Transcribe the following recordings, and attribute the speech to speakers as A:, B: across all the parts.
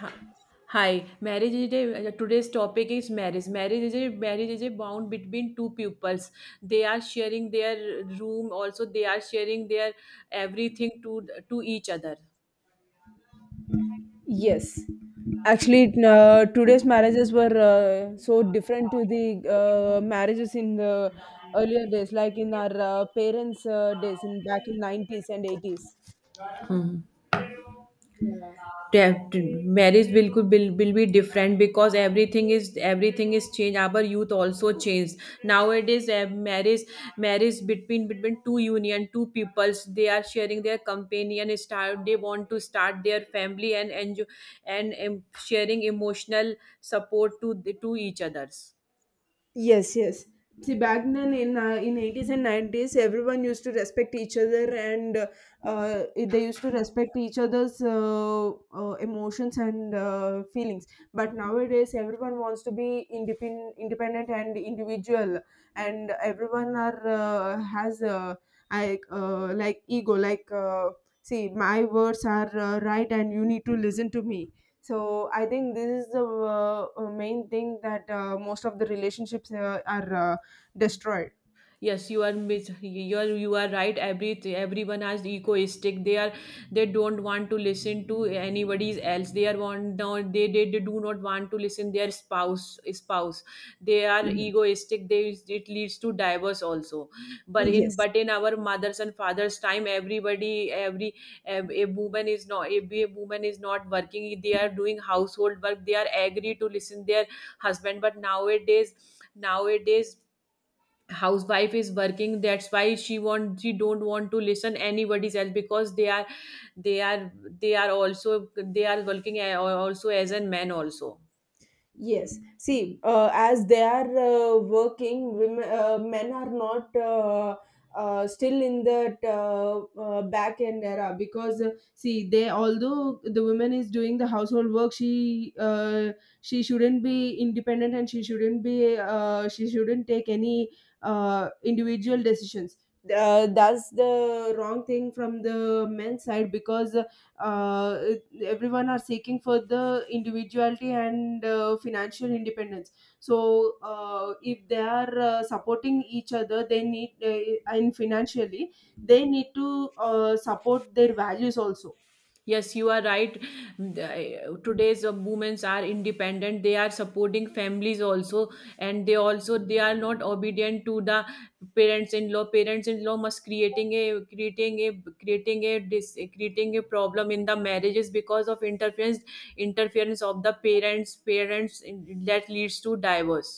A: Hi, hi. Today's topic is marriage. Marriage is a bond between two pupils. They are sharing their room. Also, they are sharing their everything to each other.
B: Yes, actually, today's marriages were so different to the marriages in the earlier days, like in our parents' days, in back in 90s and 80s.
A: Hmm.
B: Yeah.
A: Marriage बिल्कुल will be different because everything is changed, our youth also changed nowadays. Marriage between two union, two peoples, they are sharing their companion start. They want to start their family and enjoy, and sharing emotional support to each others.
B: Yes, yes. See, back then in 80s and 90s, everyone used to respect each other, and they used to respect each other's emotions and feelings. But nowadays, everyone wants to be independent and individual, and everyone are has like ego. Like, see, my words are right, and you need to listen to me, so I think this is the main thing that most of the relationships are destroyed.
A: Yes, you are right. Everyone has egoistic. They are, they don't want to listen to anybody else. They are want no, they do not want to listen their spouse. They are
B: Yeah.
A: egoistic. They, it leads to divorce also.
B: Mm.
A: but in
B: Yes.
A: but in our mothers and fathers time, a woman is not a woman is not working. They are doing household work. They are agree to listen their husband. But nowadays housewife is working. That's why she want, she don't want to listen anybody's else because they are they are they are also they are working also as a man also.
B: Yes. See, as they are working, women, men are not still in that back end era because see, they, although the woman is doing the household work, she shouldn't be independent and she shouldn't take any individual decisions. That's the wrong thing from the men's side because uh, everyone are seeking for the individuality and financial independence. So if they are supporting each other, they need and financially they need to support their values also.
A: Yes, you are right. Today's women are independent. They are supporting families also, and they also, they are not obedient to the parents-in-law. Parents-in-law must creating creating a problem in the marriages because of interference of the parents that leads to divorce.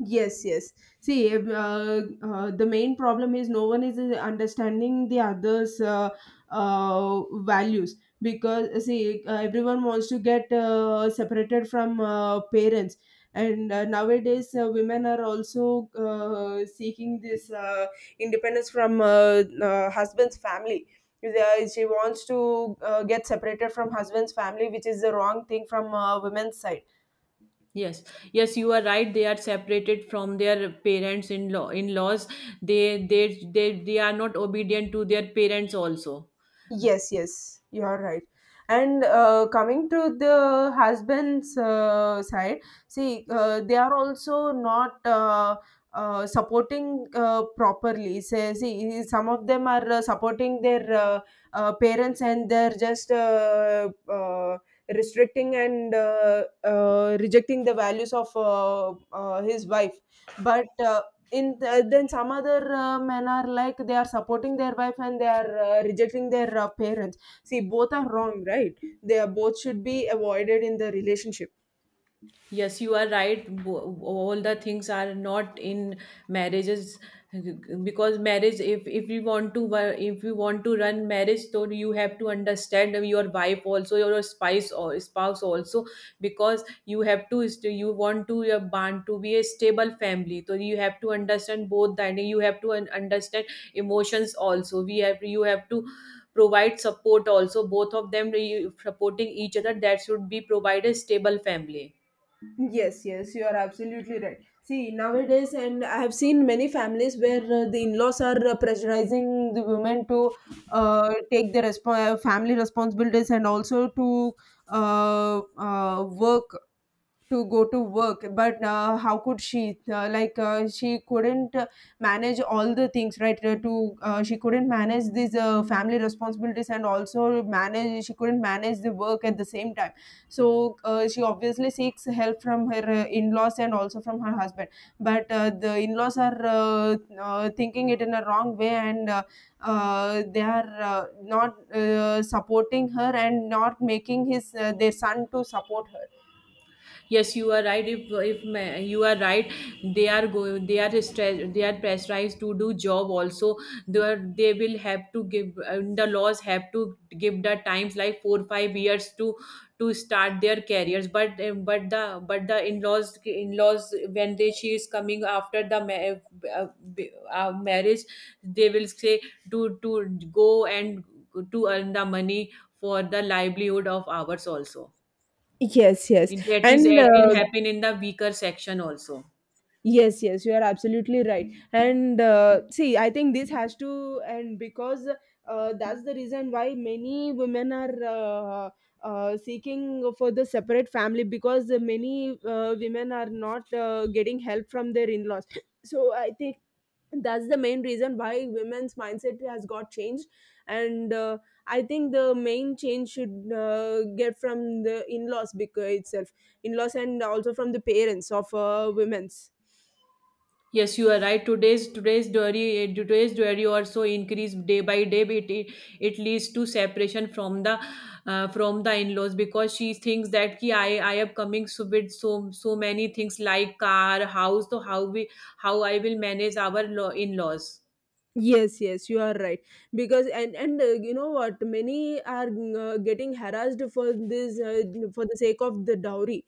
B: Yes, yes. See, if, the main problem is no one is understanding the other's values because see, everyone wants to get separated from parents, and nowadays women are also seeking this independence from husband's family. She wants to get separated from husband's family, which is the wrong thing from women's side.
A: Yes, yes, you are right. They are separated from their parents in law, in laws. They are not obedient to their parents also.
B: Yes, yes, you are right. And coming to the husband's side, see, they are also not supporting properly. Say, see, some of them are supporting their parents, and they're just restricting and rejecting the values of his wife. But then some other men are like they are supporting their wife and they are rejecting their parents. See, both are wrong, right? They are both should be avoided in the relationship.
A: Yes, you are right. All the things are not in marriages because marriage. If we want to wo- if we want to run marriage, so you have to understand your wife also, your spouse or spouse also, because you have you want to your bond to be a stable family. So you have to understand both that. You have understand emotions also. We have, you have to provide support also. Both of them you- Supporting each other, that should be provide a stable family.
B: Yes, yes, you are absolutely right. See, nowadays, and I have seen many families where the in-laws are pressurizing the women to take the family responsibilities and also to work to go to work. But how could she like she couldn't manage all the things, right? Uh, to uh, she couldn't manage these family responsibilities and also manage she couldn't manage the work at the same time. So she obviously seeks help from her in-laws and also from her husband. But the in-laws are thinking it in a wrong way, and they are not supporting her and not making his their son to support her.
A: Yes, you are right. If ma- you are right, they are go, they are stress, they are pressurized to do job also. They are, they will have to give the laws have to give the times like 4 or 5 years to start their careers, but but the in-laws, in-laws, when they, she is coming after the marriage, they will say to go and to earn the money for the livelihood of ours also.
B: Yes, yes.
A: That is,
B: And
A: it will happen in the weaker section also.
B: yes, yes, you are absolutely right. And see, I think this has to, and because that's the reason why many women are seeking for the separate family because many women are not getting help from their in laws. So I think that's the main reason why women's mindset has got changed. And I think the main change should get from the in-laws because itself in-laws and also from the parents of women's.
A: Yes, you are right. Today's dairy also increase day by day. It leads to separation from the in-laws because she thinks that ki I am coming so with so many things like car, house. So how I will manage our in-laws
B: Yes, yes, you are right. Because and you know what, many are getting harassed for this, for the sake of the dowry.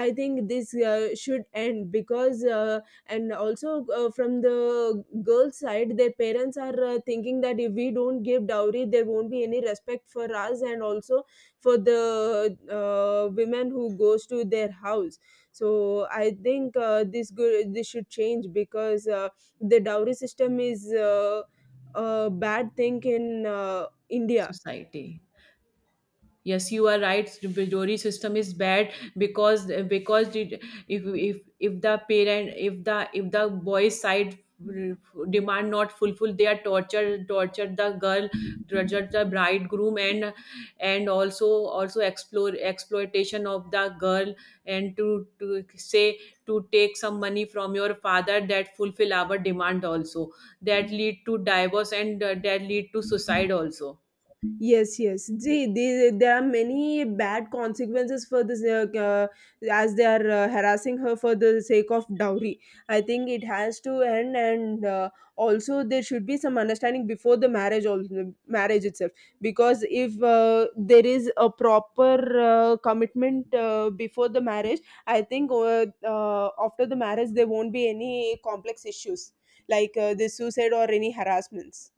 B: I think this should end because and also from the girl's side, their parents are thinking that if we don't give dowry there won't be any respect for us and also for the women who goes to their house. So I think this should change because the dowry system is a bad thing in India.
A: society. Yes, you are right. The bajori system is bad because it, if if the parent, if the boy's side demand not fulfill, they are tortured the girl, tortured the bridegroom and and also explore exploitation of the girl, and to say to take some money from your father that fulfill our demand also. That lead to divorce, and that lead to suicide also.
B: Yes, yes. See, there are many bad consequences for this, as they are harassing her for the sake of dowry. I think it has to end, and also there should be some understanding before the marriage, also, marriage itself. Because if there is a proper commitment before the marriage, I think after the marriage there won't be any complex issues like this suicide or any harassments.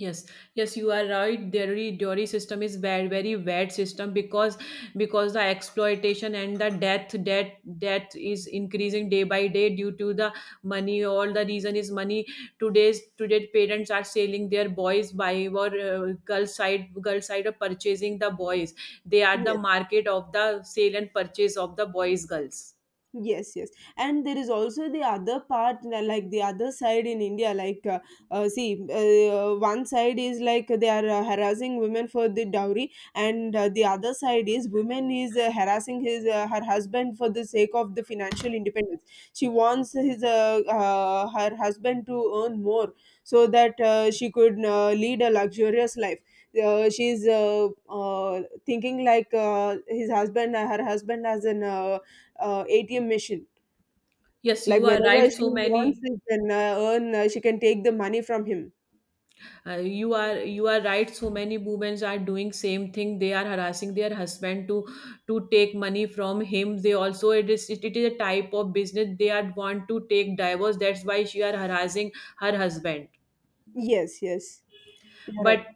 A: Yes, yes, you are right. Dairy system is very very bad system because the exploitation and the death is increasing day by day due to the money. All the reason is money. Today parents are selling their boys by or girl side, girl side of purchasing the boys. They are
B: Yes.
A: the market of the sale and purchase of the boys, girls.
B: Yes, yes. And there is also the other part, like the other side in India. Like, see, one side is like they are harassing women for the dowry, and the other side is women is harassing his her husband for the sake of the financial independence. She wants his her husband to earn more so that she could lead a luxurious life. She's thinking like her husband as an ATM machine.
A: Yes,
B: Like
A: you are
B: whenever
A: right.
B: she
A: So
B: wants,
A: many.
B: she can earn. She can take the money from him.
A: You are right. So many women are doing same thing. They are harassing their husband to take money from him. They also, it is a type of business. They are want to take divorce. That's why she are harassing her husband.
B: Yes, yes, you're right.
A: but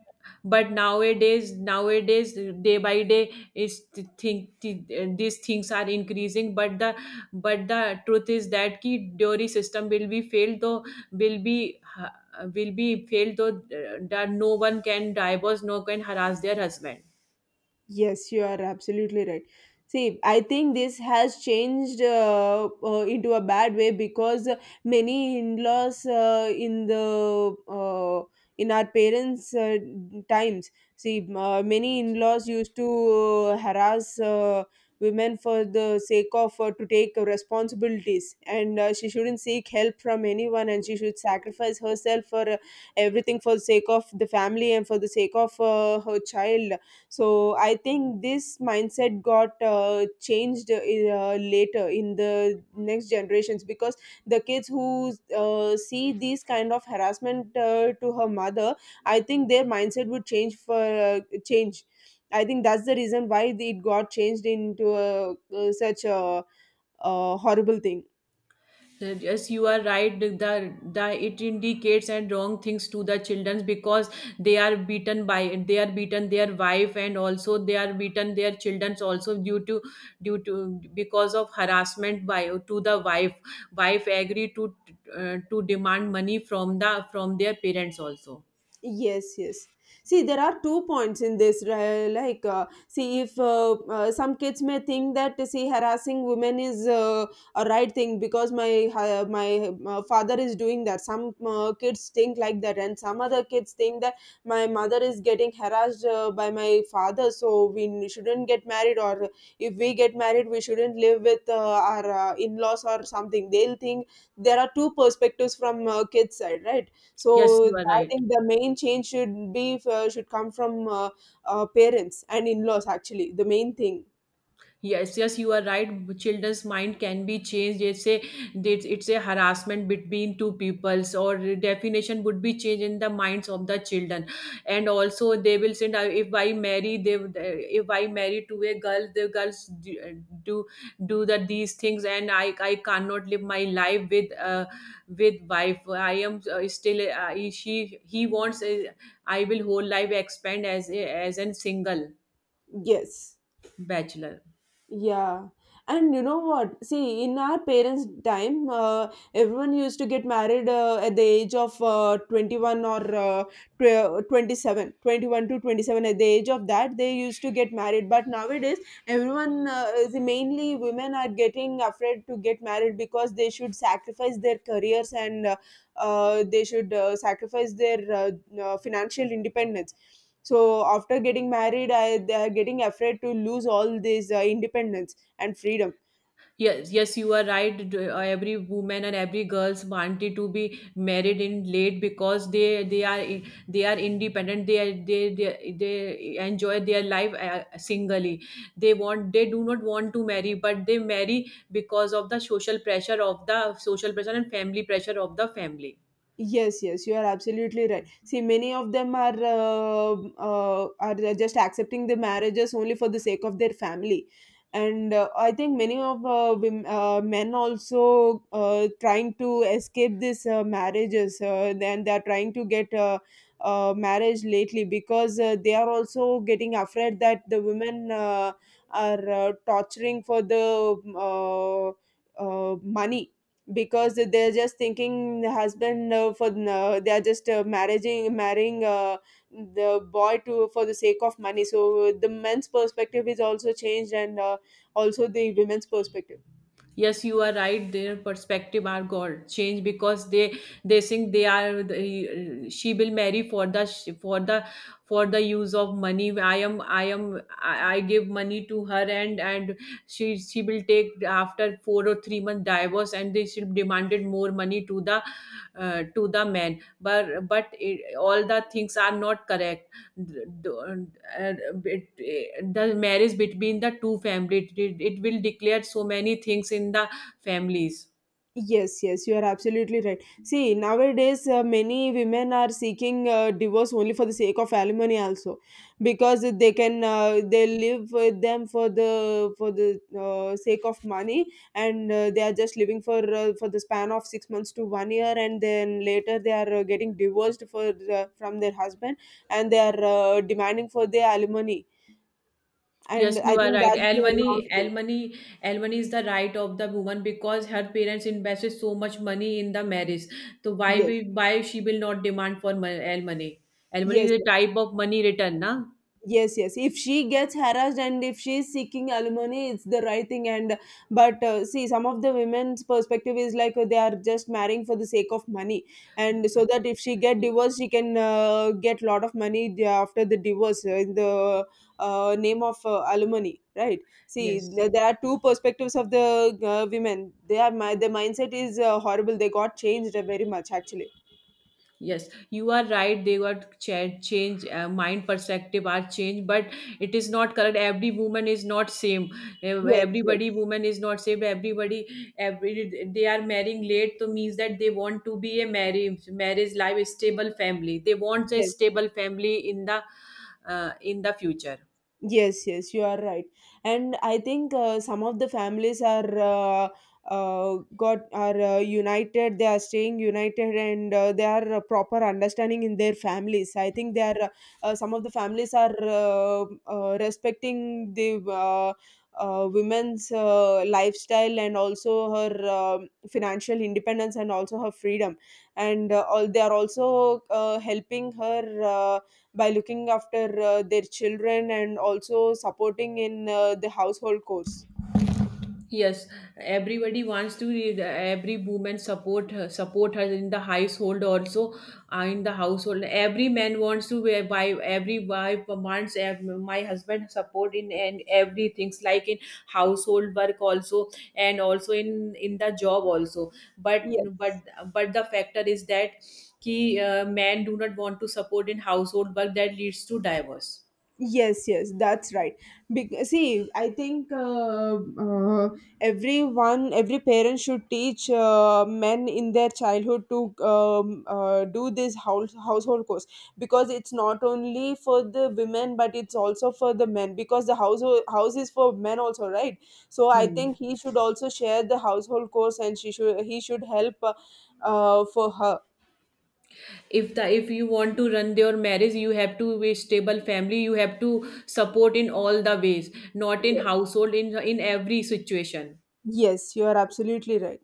A: but nowadays nowadays day by day is th- think th- these things are increasing, but the, but the truth is that ki dairy system will be failed though, will be uh, that no one can divorce, no can harass their husband.
B: Yes, you are absolutely right. See, I think this has changed into a bad way because many in-laws in our parents' times, see, many in-laws used to harass women for the sake of to take responsibilities, and she shouldn't seek help from anyone, and she should sacrifice herself for everything for the sake of the family and for the sake of her child. So I think this mindset got changed later in the next generations because the kids who see these kind of harassment to her mother, I think their mindset would change. I think that's the reason why it got changed into such a horrible thing.
A: Yes, you are right. The it indicates and wrong things to the children because they are beaten their wife and also they are beaten their children also due to because of harassment by to the wife. Wife agree to demand money from the, from their parents also.
B: Yes, yes. See, there are two points in this. Like, see, if some kids may think that, see, harassing women is a right thing because my father is doing that. Some kids think like that, and some other kids think that my mother is getting harassed by my father, so we shouldn't get married, or if we get married, we shouldn't live with our in-laws or something. They'll think there are two perspectives from kids' side, right?
A: Yes,
B: So
A: you are
B: I
A: right.
B: think the main change should come from parents and in-laws, actually the main thing.
A: Yes, yes, you are right. Children's mind can be changed. It's a harassment between two peoples, or definition would be changed in the minds of the children, and also they will send. If I marry, they would, if I marry to a girl, the girls do, do the these things, and I cannot live my life with wife. I am still she he wants. I will whole life expand as a, as an single
B: Yes.
A: bachelor.
B: Yeah, and you know what? See, in our parents' time, everyone used to get married at the age of 21 or 27, 21 to 27. At the age of that, they used to get married. But nowadays, everyone, mainly women, are getting afraid to get married because they should sacrifice their careers and they should sacrifice their financial independence. So after getting married, I they're getting afraid to lose all this independence and freedom.
A: Yes, yes, you are right. Every woman and every girls wanted to be married in late because they are independent. They are, they enjoy their life singly. They want, they do not want to marry, but they marry because of the social pressure of the social pressure and family pressure of the family.
B: Yes, yes, you are absolutely right. See, many of them are just accepting the marriages only for the sake of their family, and I think many of men also trying to escape these marriages. Then they are trying to get marriage lately because they are also getting afraid that the women are torturing for the money because they're just thinking the husband for they are just marrying the boy to for the sake of money. So the men's perspective is also changed, and also the women's perspective.
A: Yes, you are right. Their perspective are got changed because they think they are the, she will marry for the, for the use of money. I I give money to her, and she will take after 4 or 3 month divorce, and they, she demanded more money to the man. But all the things are not correct. the, the- uh, the marriage between the two family, it will declare so many things in the families.
B: Yes, yes, you are absolutely right. See, nowadays, many women are seeking divorce only for the sake of alimony, also, because they live with them for the sake of money, and they are just living for the span of 6 months to one year, and then later they are getting divorced from their husband, and they are demanding for their alimony, and
A: Yes,
B: I
A: you are
B: think
A: right.
B: that's the wrong thing.
A: Alimony is the right of the woman because her parents invested so much money in the marriage. So why
B: Yes.
A: we why she will not demand for alimony? Alimony
B: Yes,
A: is a type of money return, na?
B: yes, yes. If she gets harassed and if she is seeking alimony, it's the right thing. And but see, some of the women's perspective is like they are just marrying for the sake of money, and so that if she get divorced, she can get lot of money after the divorce in the name of alimony, right? See,
A: Yes.
B: there are two perspectives of the women. They are my Their mindset is horrible. They got changed very much actually.
A: Yes, you are right. They got change mind perspective are changed, but it is not correct. Every woman is not same.
B: Yes, yes,
A: Everybody woman is not same. Everybody, every they are marrying late, so means that they want to be a marriage life stable family. They want a
B: yes.
A: stable family in the future.
B: Yes, yes, you are right. And I think some of the families are got are united. They are staying united, and they are proper understanding in their families. I think they are some of the families are respecting the women's lifestyle and also her financial independence and also her freedom, and all they are also helping her. By looking after their children and also supporting in the household chores.
A: Yes, everybody wants to. Read, every woman support her in the household also, in the household. Every man wants to wear buy. Every wife wants my husband support in and every things like in household work also, and also in the job also. But
B: Yes.
A: but but the factor is that ki, men do not want to support in household work, that leads to divorce.
B: Yes, yes, that's right. Because, see, I think everyone, every parent should teach men in their childhood to do this household course because it's not only for the women but it's also for the men because the household house is for men also, right? So I
A: Hmm.
B: think he should also share the household course and she should he should help for her.
A: If the, if you want to run your marriage, you have to be stable family. You have to support in all the ways, not in
B: Yes,
A: household, in every situation.
B: yes, you are absolutely right.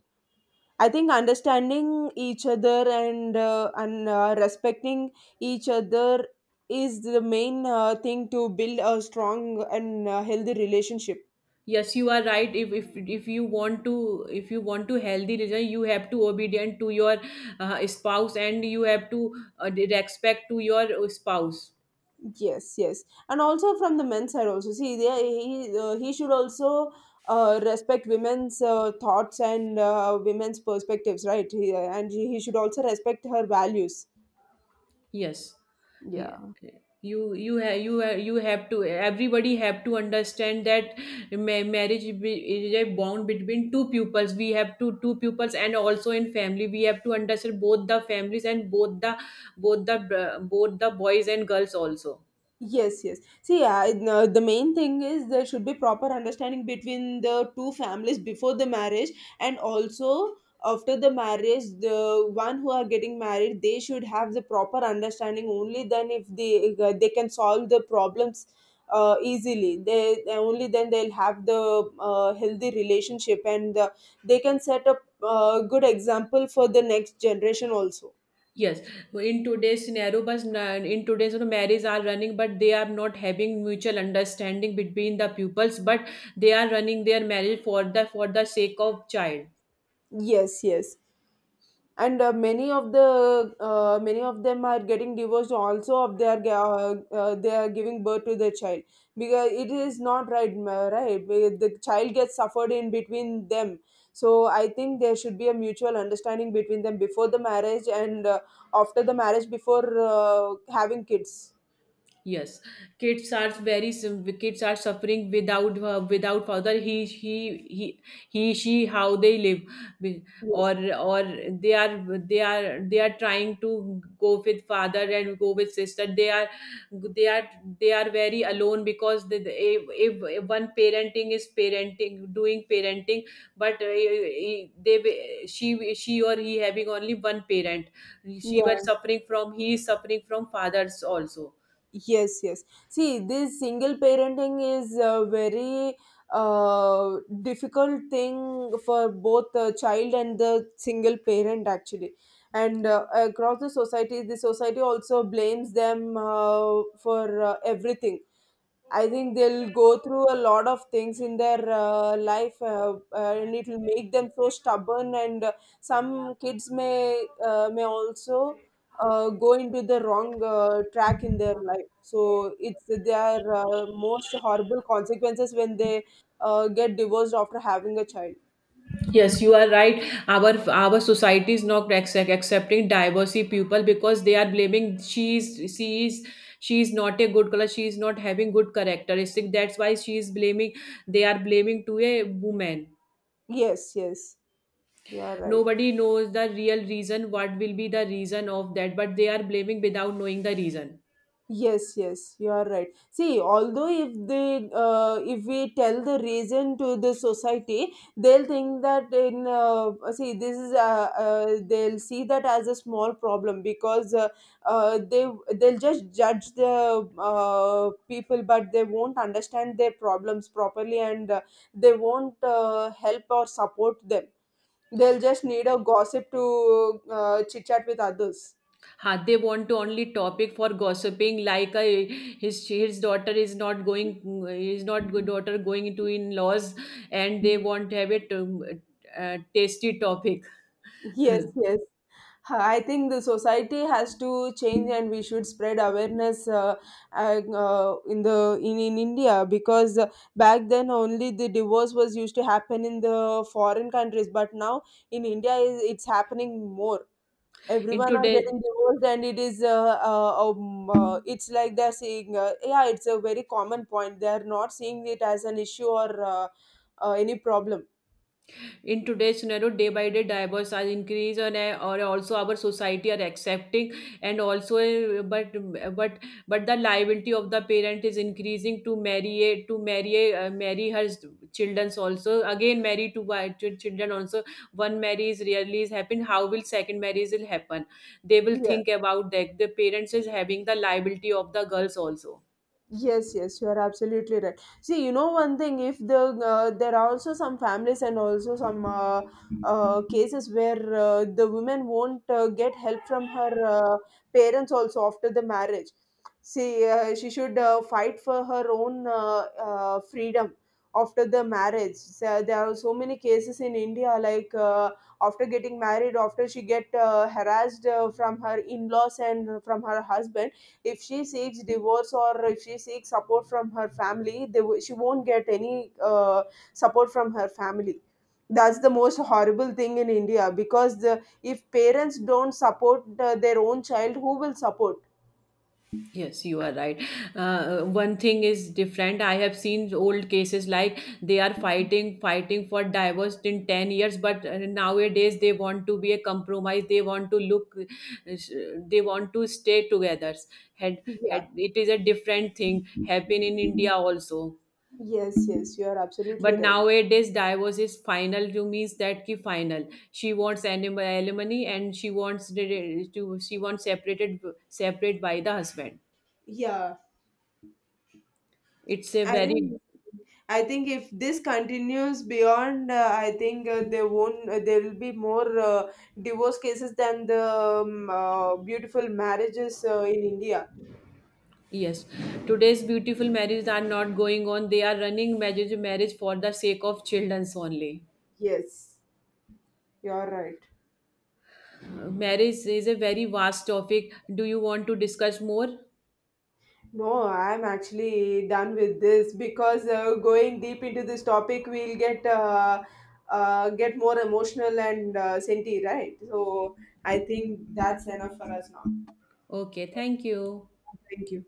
B: I think understanding each other and respecting each other is the main thing to build a strong and healthy relationship.
A: Yes, you are right. If you want to healthy religion, you have to obedient to your spouse, and you have to respect to your spouse.
B: Yes, yes, and also from the men's side also. See, there he should also respect women's thoughts and women's perspectives, right? And he should also respect her values.
A: Yes, He-
B: Yeah.
A: you, you have you have to, everybody have to understand that marriage is a bond between two pupils. We have to two pupils, and also in family we have to understand both the families and both the boys and girls also.
B: Yes, yes. See, I, no, the main thing is there should be proper understanding between the two families before the marriage and also after the marriage. The one who are getting married, they should have the proper understanding. Only then, if they they can solve the problems easily, they only then they'll have the healthy relationship and they can set up a good example for the next generation also.
A: Yes, in today's scenario, but in today's, you know, marriages are running, but they are not having mutual understanding between the pupils, but they are running their marriage for the, for the sake of child.
B: Yes, yes, and many of the many of them are getting divorced also if they are they are giving birth to their child because it is not right where the child gets suffered in between them. So I think there should be a mutual understanding between them before the marriage and after the marriage, before having kids.
A: Yes, kids are very kids are suffering without without father. He he she, how they live, Be-
B: Yes.
A: or they are trying to go with father and go with sister. They are they are very alone because if one parenting is parenting doing parenting, but they, she or he having only one parent. She was
B: Yeah.
A: suffering from, he is suffering from fathers also.
B: Yes, yes. See, this single parenting is a very uh, difficult thing for both the child and the single parent, actually. And across the society also blames them for everything. I think they'll go through a lot of things in their life, and it'll make them so stubborn. And some kids may also go into the wrong track in their life. So it's their most horrible consequences when they get divorced after having a child.
A: Yes, you are right. Our society is not accepting diversity people because they are blaming, she is not a good color. She is not having good characteristic. That's why she is blaming. They are blaming to a woman.
B: Yes, yes, you are right.
A: Nobody knows the real reason. What will be the reason of that? But they are blaming without knowing the reason.
B: Yes, yes, you are right. See, although if if we tell the reason to the society, they'll think that see, this is, they'll see that as a small problem because uh, they, they'll just judge the people, but they won't understand their problems properly and they won't help or support them. They'll just need a gossip to chit chat with others.
A: Huh, they want to only topic for gossiping like a, his daughter is not going is not good daughter going into in-laws, and they want to have it tasty topic.
B: Yes, yes. I think the society has to change, and we should spread awareness in in India because back then only the divorce was used to happen in the foreign countries, but now in India is it's happening more.
A: In
B: Everyone are
A: today,
B: getting divorced, and it is it's like they're saying, yeah, it's a very common point. They are not seeing it as an issue or any problem.
A: in today's scenario, day by day divorce are increased, and or also our society are accepting, and also but but the liability of the parent is increasing to marry marry her children also, again marry to children also. One marriage is rarely is happen, how will second marriage will happen, they will
B: Yeah.
A: think about that. The parents is having the liability of the girls also.
B: Yes, yes, you are absolutely right. See, you know one thing, if there are also some families and also some cases where the women won't get help from her parents also after the marriage. See, she should fight for her own freedom after the marriage. So, there are so many cases in India, like after getting married, after she get harassed from her in-laws and from her husband, if she seeks divorce or if she seeks support from her family, she won't get any support from her family. That's the most horrible thing in India because if parents don't support their own child, who will support?
A: Yes, you are right. One thing is different. I have seen old cases like they are fighting for divorce in 10 years, but nowadays they want to be a compromise. They want to look, they want to stay together. Had,
B: Yeah.
A: had, it is a different thing. Happen in India also.
B: Yes, yes, you are absolutely
A: But
B: right.
A: nowadays divorce is final to means that ki final. She wants alimony, and she wants the- to she wants separated, separate by the husband.
B: yeah
A: It's a
B: i
A: very,
B: think I think if this continues beyond, I think there won't. There will be more divorce cases than the beautiful marriages in India.
A: yes, today's beautiful marriages are not going on. They are running marriage for the sake of childrens only.
B: Yes, you're right.
A: Marriage is a very vast topic. Do you want to discuss more?
B: No, I'm actually done with this because going deep into this topic, we'll get more emotional and senti, right? So I think that's enough for us now.
A: Okay, thank you.
B: Thank you.